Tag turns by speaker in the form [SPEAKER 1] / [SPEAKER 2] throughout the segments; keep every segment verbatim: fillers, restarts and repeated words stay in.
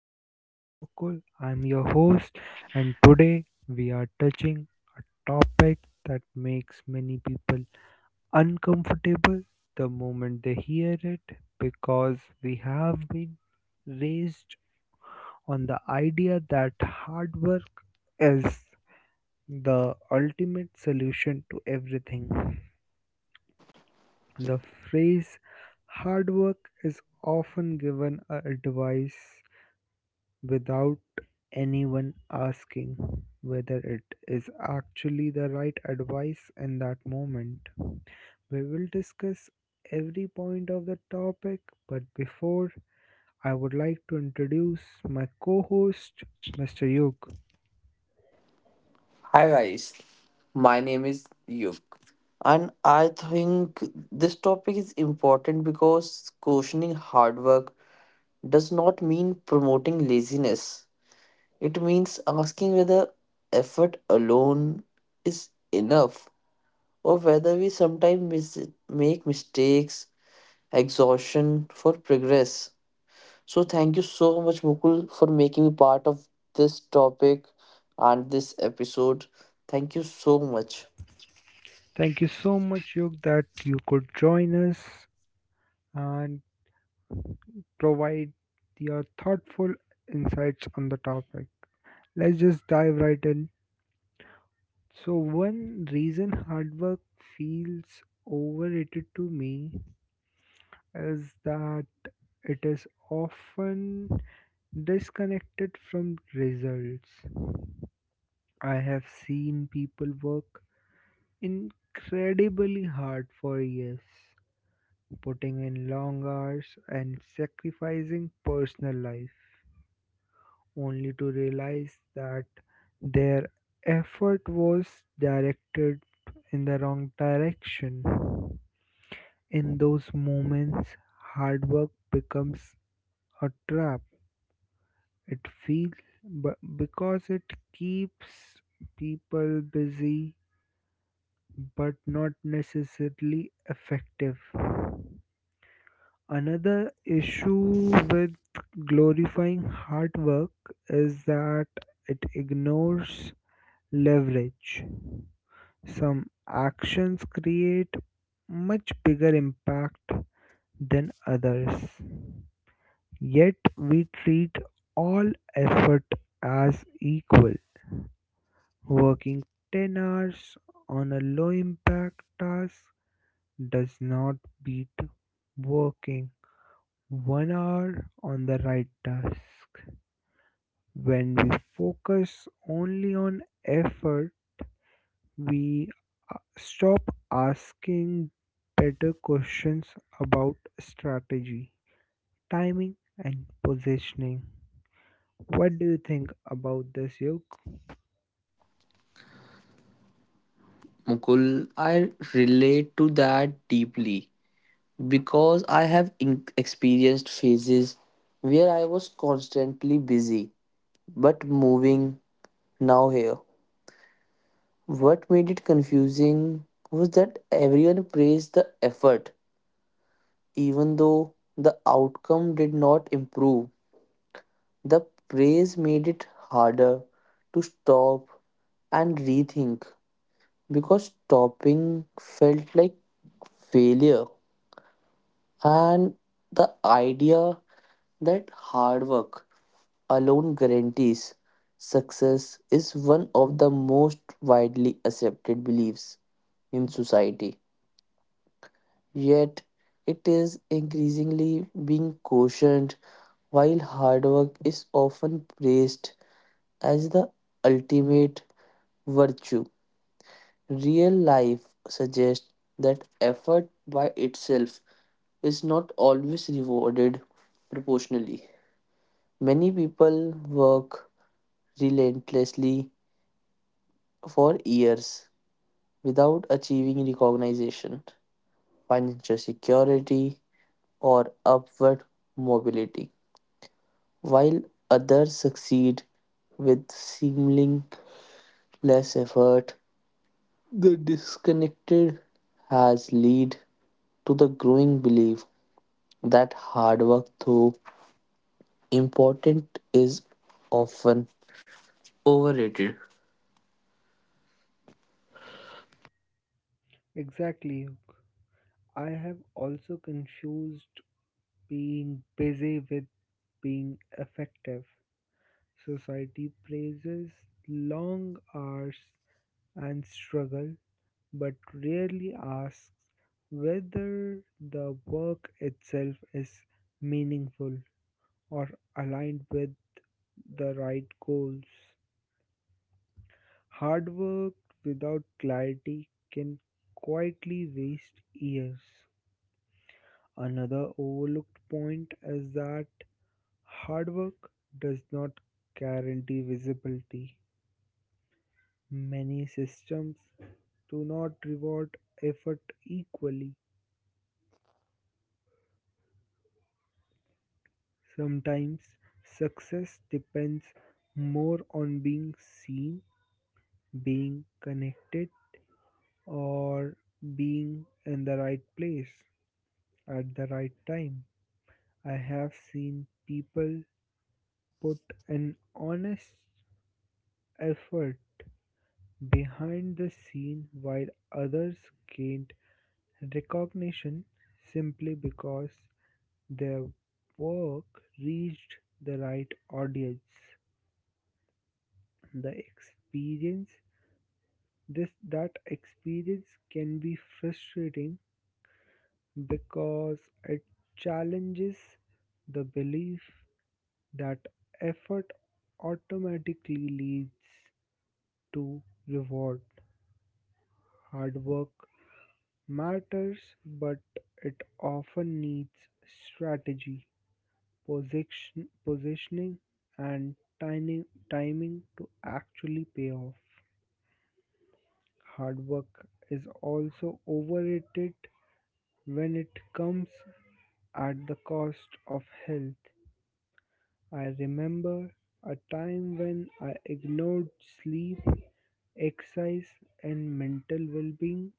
[SPEAKER 1] my name is Mukul. I'm your host, and today we are touching topic that makes many people uncomfortable the moment they hear it because we have been raised on the idea that hard work is the ultimate solution to everything. The phrase hard work is often given a advice without anyone asking whether it is actually the right advice in that moment. We will discuss every point of the topic, but before I would like to introduce my co host, Mister Yug.
[SPEAKER 2] Hi guys, my name is Yug and I think this topic is important because questioning hard work does not mean promoting laziness. It means asking whether effort alone is enough or whether we sometimes mis- make mistakes, exhaustion for progress. So thank you so much Mukul for making me part of this topic and this episode. Thank you so much.
[SPEAKER 1] Thank you so much, Yug, that you could join us and provide your thoughtful insights on the topic. Let's just dive right in. So one reason hard work feels overrated to me is that it is often disconnected from results. I have seen people work incredibly hard for years, putting in long hours and sacrificing personal life, only to realize that their effort was directed in the wrong direction. In those moments, hard work becomes a trap. It feels but because it keeps people busy but not necessarily effective. Another issue with glorifying hard work is that it ignores leverage. Some actions create much bigger impact than others. Yet we treat all effort as equal. Working ten hours on a low impact task does not beat working one hour on the right task. When we focus only on effort, we uh, stop asking better questions about strategy, timing, and positioning. What do you think about this, Yog?
[SPEAKER 2] Mukul, I relate to that deeply because I have in- experienced phases where I was constantly busy but moving now here. What made it confusing was that everyone praised the effort, even though the outcome did not improve. The praise made it harder to stop and rethink because stopping felt like failure. And the idea that hard work alone guarantees success is one of the most widely accepted beliefs in society. Yet, it is increasingly being cautioned while hard work is often praised as the ultimate virtue. Real life suggests that effort by itself is not always rewarded proportionally. Many people work relentlessly for years without achieving recognition, financial security, or upward mobility, while others succeed with seemingly less effort. The disconnected has led to the growing belief that hard work, though important, is often overrated.
[SPEAKER 1] Exactly. I have also confused being busy with being effective. Society praises long hours and struggle, but rarely asks whether the work itself is meaningful or aligned with the right goals. Hard work without clarity can quietly waste years. Another overlooked point is that hard work does not guarantee visibility. Many systems do not reward effort equally. Sometimes success depends more on being seen, being connected, or being in the right place at the right time. I have seen people put an honest effort behind the scene while others gained recognition simply because their work reached the right audience. The experience this that experience can be frustrating because it challenges the belief that effort automatically leads to reward. Hard work matters but it often needs strategy, position, positioning and timing, timing to actually pay off. Hard work is also overrated when it comes at the cost of health. I remember a time when I ignored sleep, exercise, and mental well being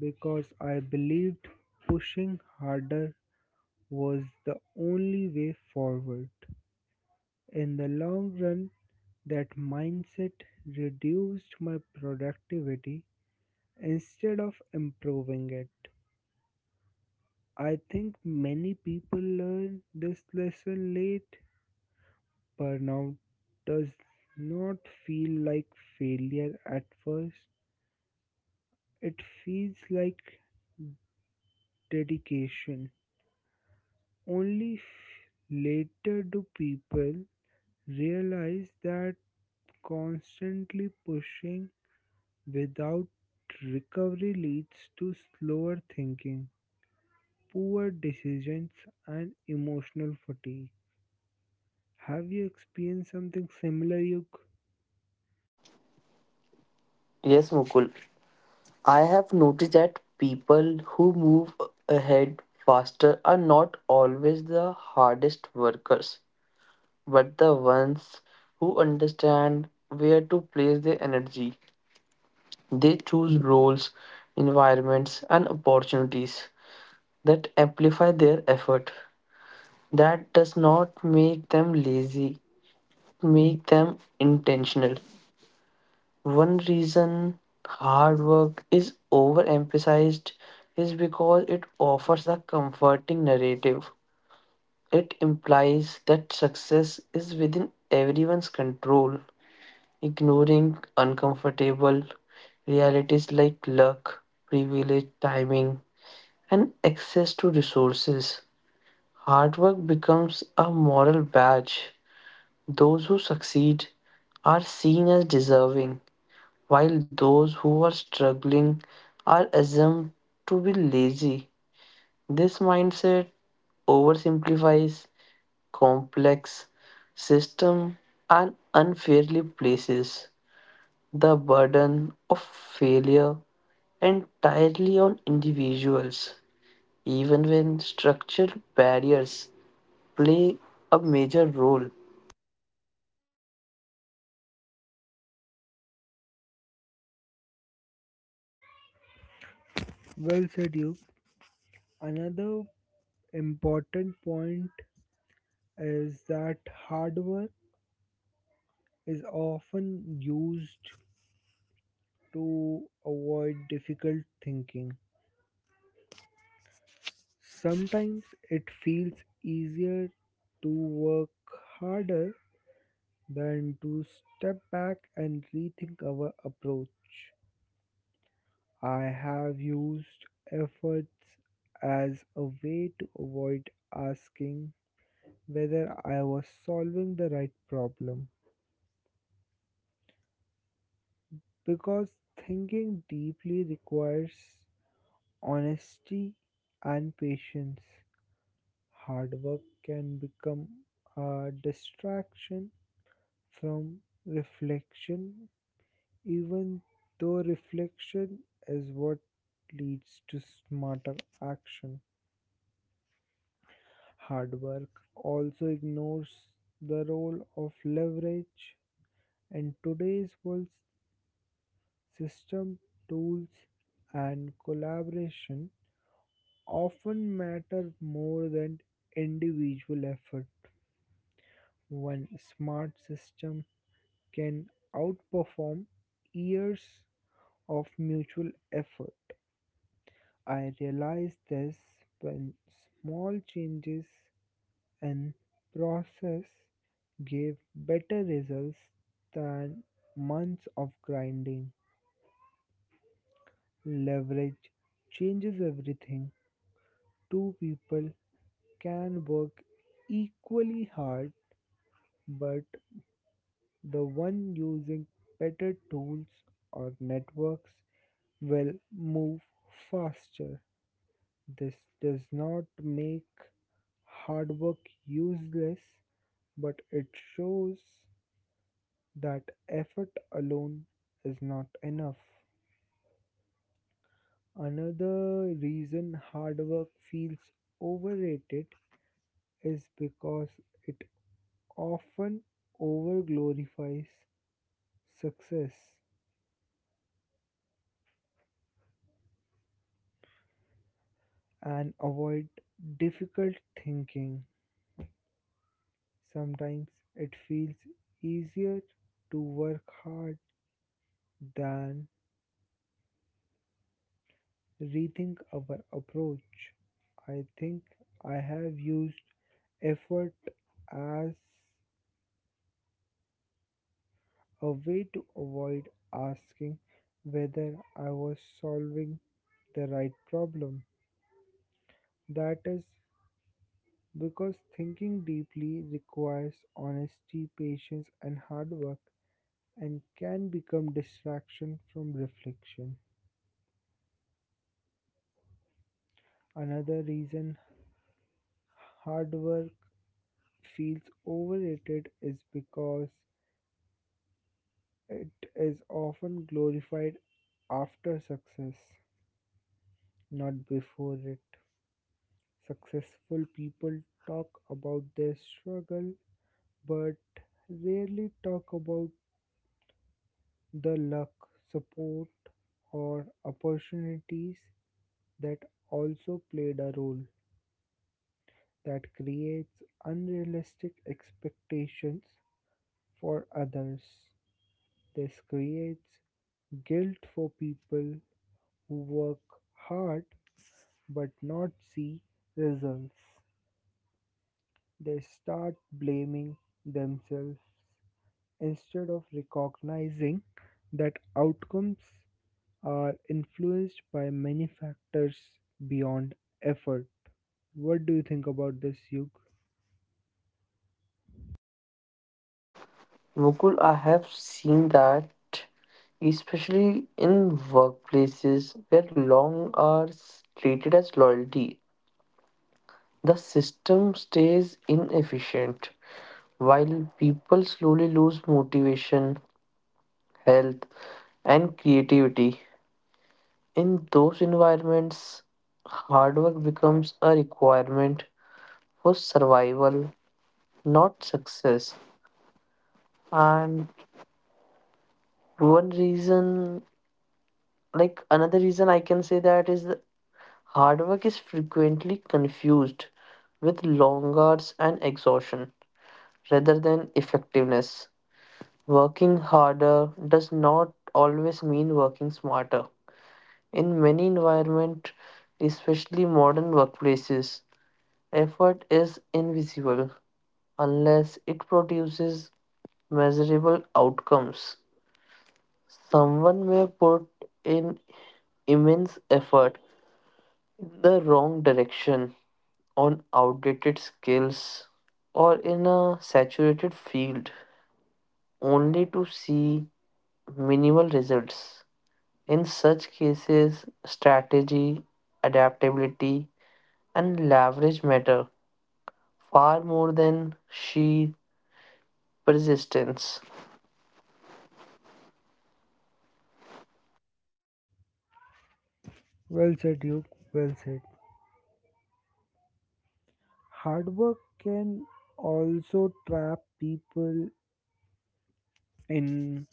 [SPEAKER 1] because I believed pushing harder was the only way forward. In the long run, that mindset reduced my productivity instead of improving it. I think many people learn this lesson late. Burnout does not feel like failure at first, it feels like dedication. Only f- Later do people realize that constantly pushing without recovery leads to slower thinking, poor decisions, and emotional fatigue. Have you experienced something similar, Yuk?
[SPEAKER 2] Yes, Mukul. I have noticed that people who move ahead faster are not always the hardest workers, but the ones who understand where to place their energy. They choose roles, environments, and opportunities that amplify their effort. That does not make them lazy, make them intentional. One reason hard work is overemphasized is because it offers a comforting narrative. It implies that success is within everyone's control, ignoring uncomfortable realities like luck, privilege, timing, and access to resources. Hard work becomes a moral badge. Those who succeed are seen as deserving, while those who are struggling are assumed to be lazy. This mindset oversimplifies complex system and unfairly places the burden of failure entirely on individuals, even when structural barriers play a major role.
[SPEAKER 1] Well said, Yuk. Another important point is that hard work is often used to avoid difficult thinking. Sometimes it feels easier to work harder than to step back and rethink our approach. I have used efforts as a way to avoid asking whether I was solving the right problem because thinking deeply requires honesty and patience. Hard work can become a distraction from reflection, even though reflection is what leads to smarter action. Hard work also ignores the role of leverage, and today's world system tools and collaboration often matter more than individual effort. One smart system can outperform years of mutual effort. I realized this when small changes in process gave better results than months of grinding. Leverage changes everything. Two people can work equally hard, but the one using better tools or networks will move faster. This does not make hard work useless, but it shows that effort alone is not enough. Another reason hard work feels overrated is because it often overglorifies success and avoid difficult thinking. Sometimes it feels easier to work hard than rethink our approach. I think I have used effort as a way to avoid asking whether I was solving the right problem. That is because thinking deeply requires honesty, patience, and hard work and can become distraction from reflection. Another reason hard work feels overrated is because it is often glorified after success, not before it. Successful people talk about their struggle but rarely talk about the luck, support, or opportunities that also played a role that creates unrealistic expectations for others. This creates guilt for people work hard but not see results. They start blaming themselves instead of recognizing that outcomes are influenced by many factors beyond effort. What do you think about this, Yug?
[SPEAKER 2] Mukul, I have seen that, especially in workplaces where long hours treated as loyalty. The system stays inefficient while people slowly lose motivation, health, and creativity. In those environments, hard work becomes a requirement for survival, not success. And one reason, like another reason I can say that is, hard work is frequently confused with long hours and exhaustion rather than effectiveness. Working harder does not always mean working smarter. In many environments, especially modern workplaces, effort is invisible unless it produces measurable outcomes. Someone may put in immense effort in the wrong direction on outdated skills or in a saturated field only to see minimal results. In such cases, strategy, adaptability, and leverage matter far more than sheer persistence.
[SPEAKER 1] Well said, Yug. Well said. Hard work can also trap people in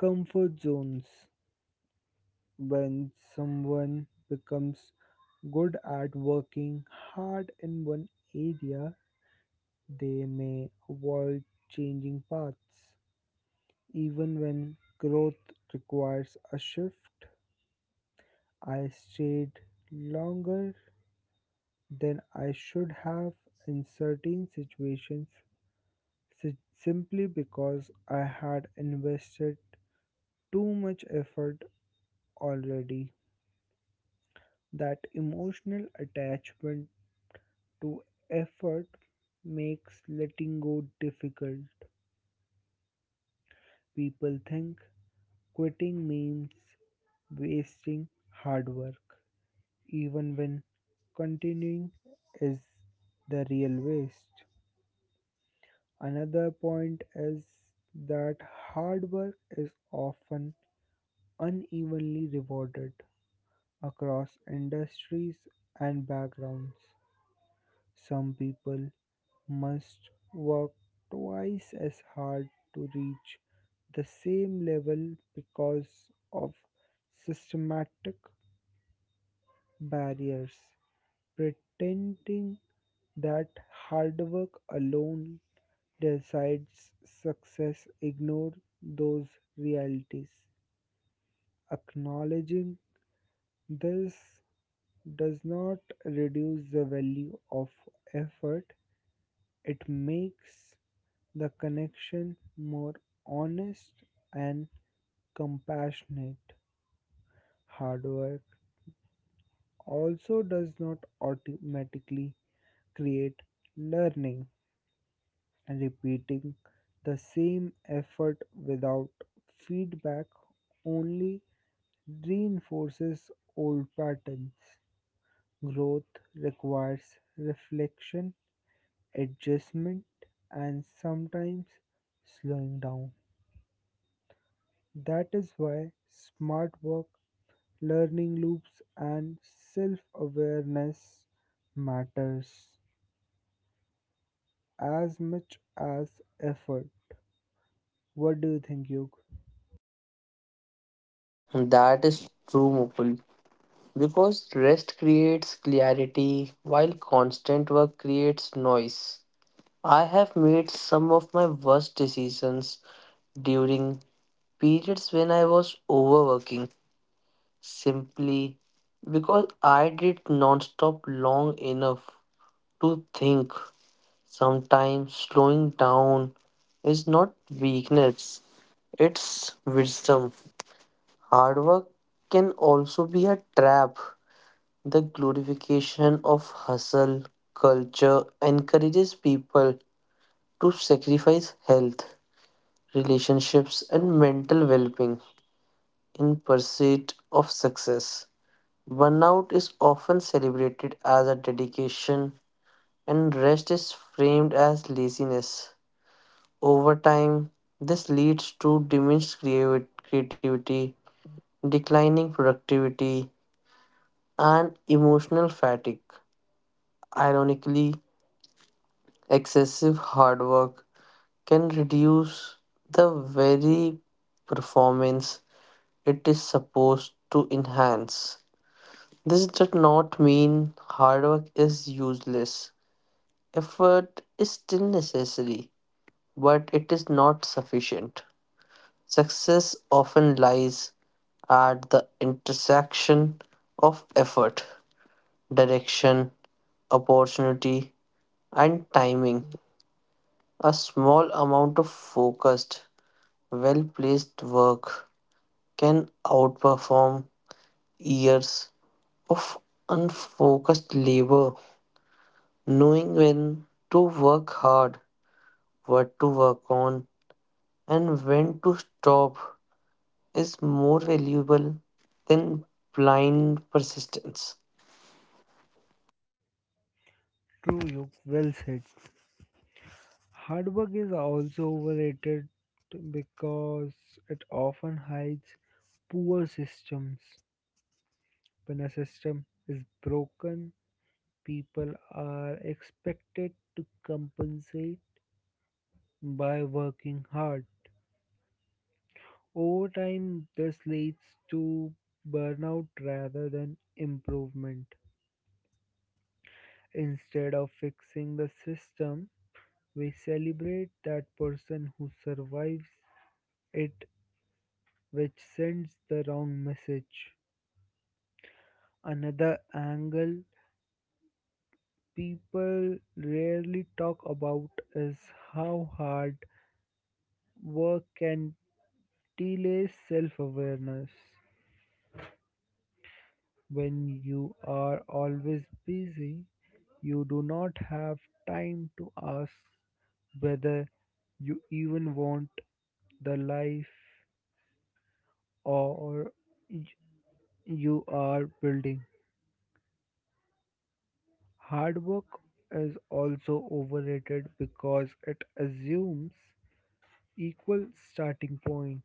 [SPEAKER 1] comfort zones when someone becomes good at working hard in one area, they may avoid changing paths. Even when growth requires a shift, I stayed longer than I should have in certain situations si- simply because I had invested too much effort already. That emotional attachment to effort makes letting go difficult. People think quitting means wasting hard work, even when continuing is the real waste. Another point is that hard work is often unevenly rewarded across industries and backgrounds. Some people must work twice as hard to reach the same level because of systematic barriers. Pretending that hard work alone decides success ignore those realities. Acknowledging this does not reduce the value of effort, it makes the connection more honest and compassionate. Hard work also does not automatically create learning, repeating the same effort without feedback only reinforces old patterns. Growth requires reflection, adjustment, and sometimes slowing down. That is why smart work learning loops and self-awareness matters as much as effort. What do you think, Yug?
[SPEAKER 2] That is true, Mukul. Because rest creates clarity while constant work creates noise. I have made some of my worst decisions during periods when I was overworking simply because I did non-stop long enough to think. Sometimes slowing down is not weakness, it's wisdom. Hard work can also be a trap. The glorification of hustle culture encourages people to sacrifice health, relationships, and mental well being in pursuit of success. Burnout is often celebrated as a dedication, and rest is framed as laziness. Over time, this leads to diminished creavi- creativity, declining productivity, and emotional fatigue. Ironically, excessive hard work can reduce the very performance it is supposed to enhance. This does not mean hard work is useless. Effort is still necessary, but it is not sufficient. Success often lies at the intersection of effort, direction, opportunity, and timing. A small amount of focused, well placed work can outperform years of unfocused labor. Knowing when to work hard, what to work on, and when to stop is more valuable than blind persistence.
[SPEAKER 1] True, Yug. Well said. Hard work is also overrated because it often hides poor systems. When a system is broken, people are expected to compensate by working hard. Over time, this leads to burnout rather than improvement. Instead of fixing the system, we celebrate that person who survives it, which sends the wrong message. Another angle people rarely talk about is how hard work can delay self awareness. When you are always busy, you do not have time to ask whether you even want the life or y- you are building. Hard work is also overrated because it assumes equal starting point.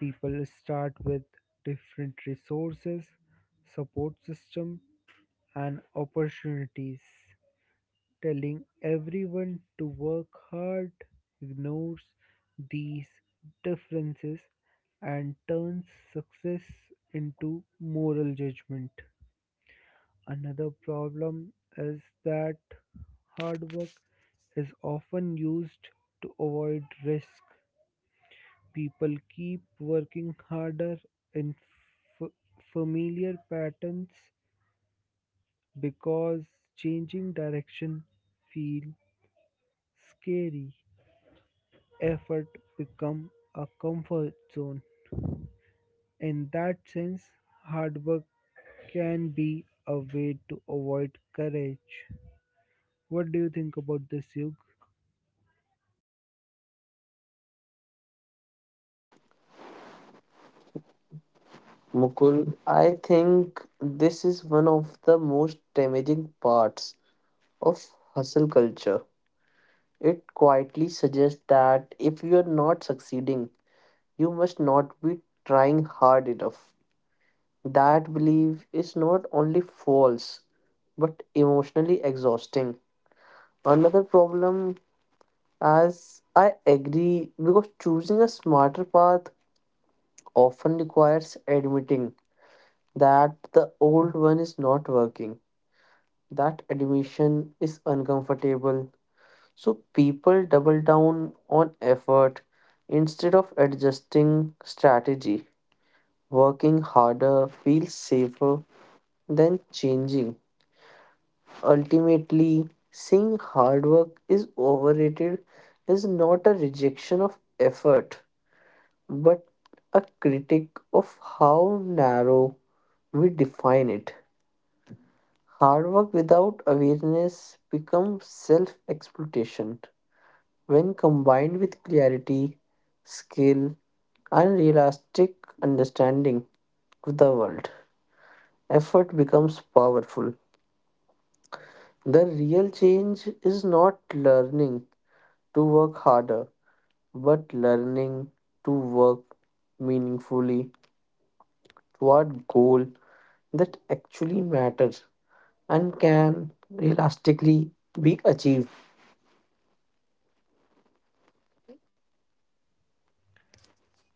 [SPEAKER 1] People start with different resources, support system and opportunities. Telling everyone to work hard ignores these differences and turns success into moral judgment. Another problem is that hard work is often used to avoid risk. People keep working harder in f- familiar patterns because changing direction feels scary. Effort become a comfort zone. In that sense, hard work can be a way to avoid courage. What do you think about this, Yug?
[SPEAKER 2] Mukul, I think this is one of the most damaging parts of hustle culture. It quietly suggests that if you are not succeeding, you must not be trying hard enough. That belief is not only false but emotionally exhausting. Another problem, as I agree, because choosing a smarter path often requires admitting that the old one is not working. That admission is uncomfortable. So people double down on effort instead of adjusting strategy. Working harder feels safer than changing. Ultimately, seeing hard work is overrated is not a rejection of effort but a critic of how narrow we define it. Hard work without awareness becomes self exploitation. When combined with clarity, skill, and realistic understanding of the world, effort becomes powerful. The real change is not learning to work harder, but learning to work meaningfully toward goal that actually matters and can realistically be achieved.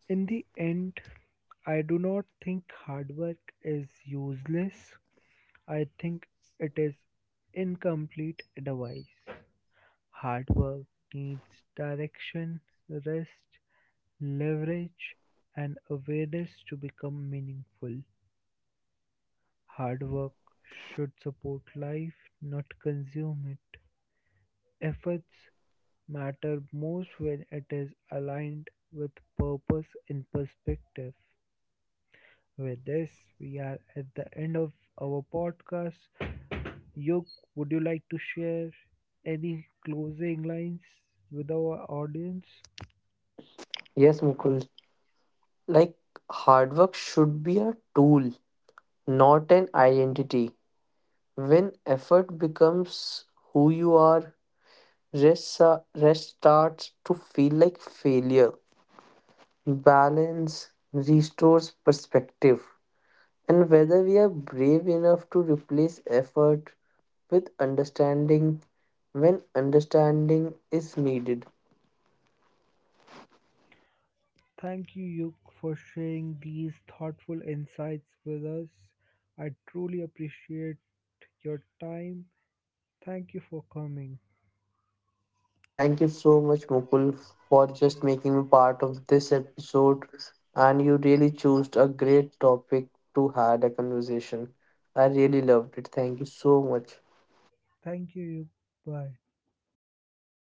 [SPEAKER 1] In the end, I do not think hard work is useless. I think it is incomplete advice. Hard work needs direction, rest, leverage, and awareness to become meaningful. Hard work should support life, not consume it. Efforts matter most when it is aligned with purpose and perspective. With this, we are at the end of our podcast. Yoke, would you like to share any closing lines with our audience?
[SPEAKER 2] Yes, Mukul. Like hard work should be a tool, not an identity. When effort becomes who you are, rest, sa- rest starts to feel like failure. Balance restores perspective and whether we are brave enough to replace effort with understanding when understanding is needed.
[SPEAKER 1] Thank you, Yoke, for sharing these thoughtful insights with us. I truly appreciate your time. Thank you for coming.
[SPEAKER 2] Thank you so much, Mukul, for just making me part of this episode. And you really chose a great topic to had a conversation. I really loved it. Thank you so much.
[SPEAKER 1] Thank you. Bye.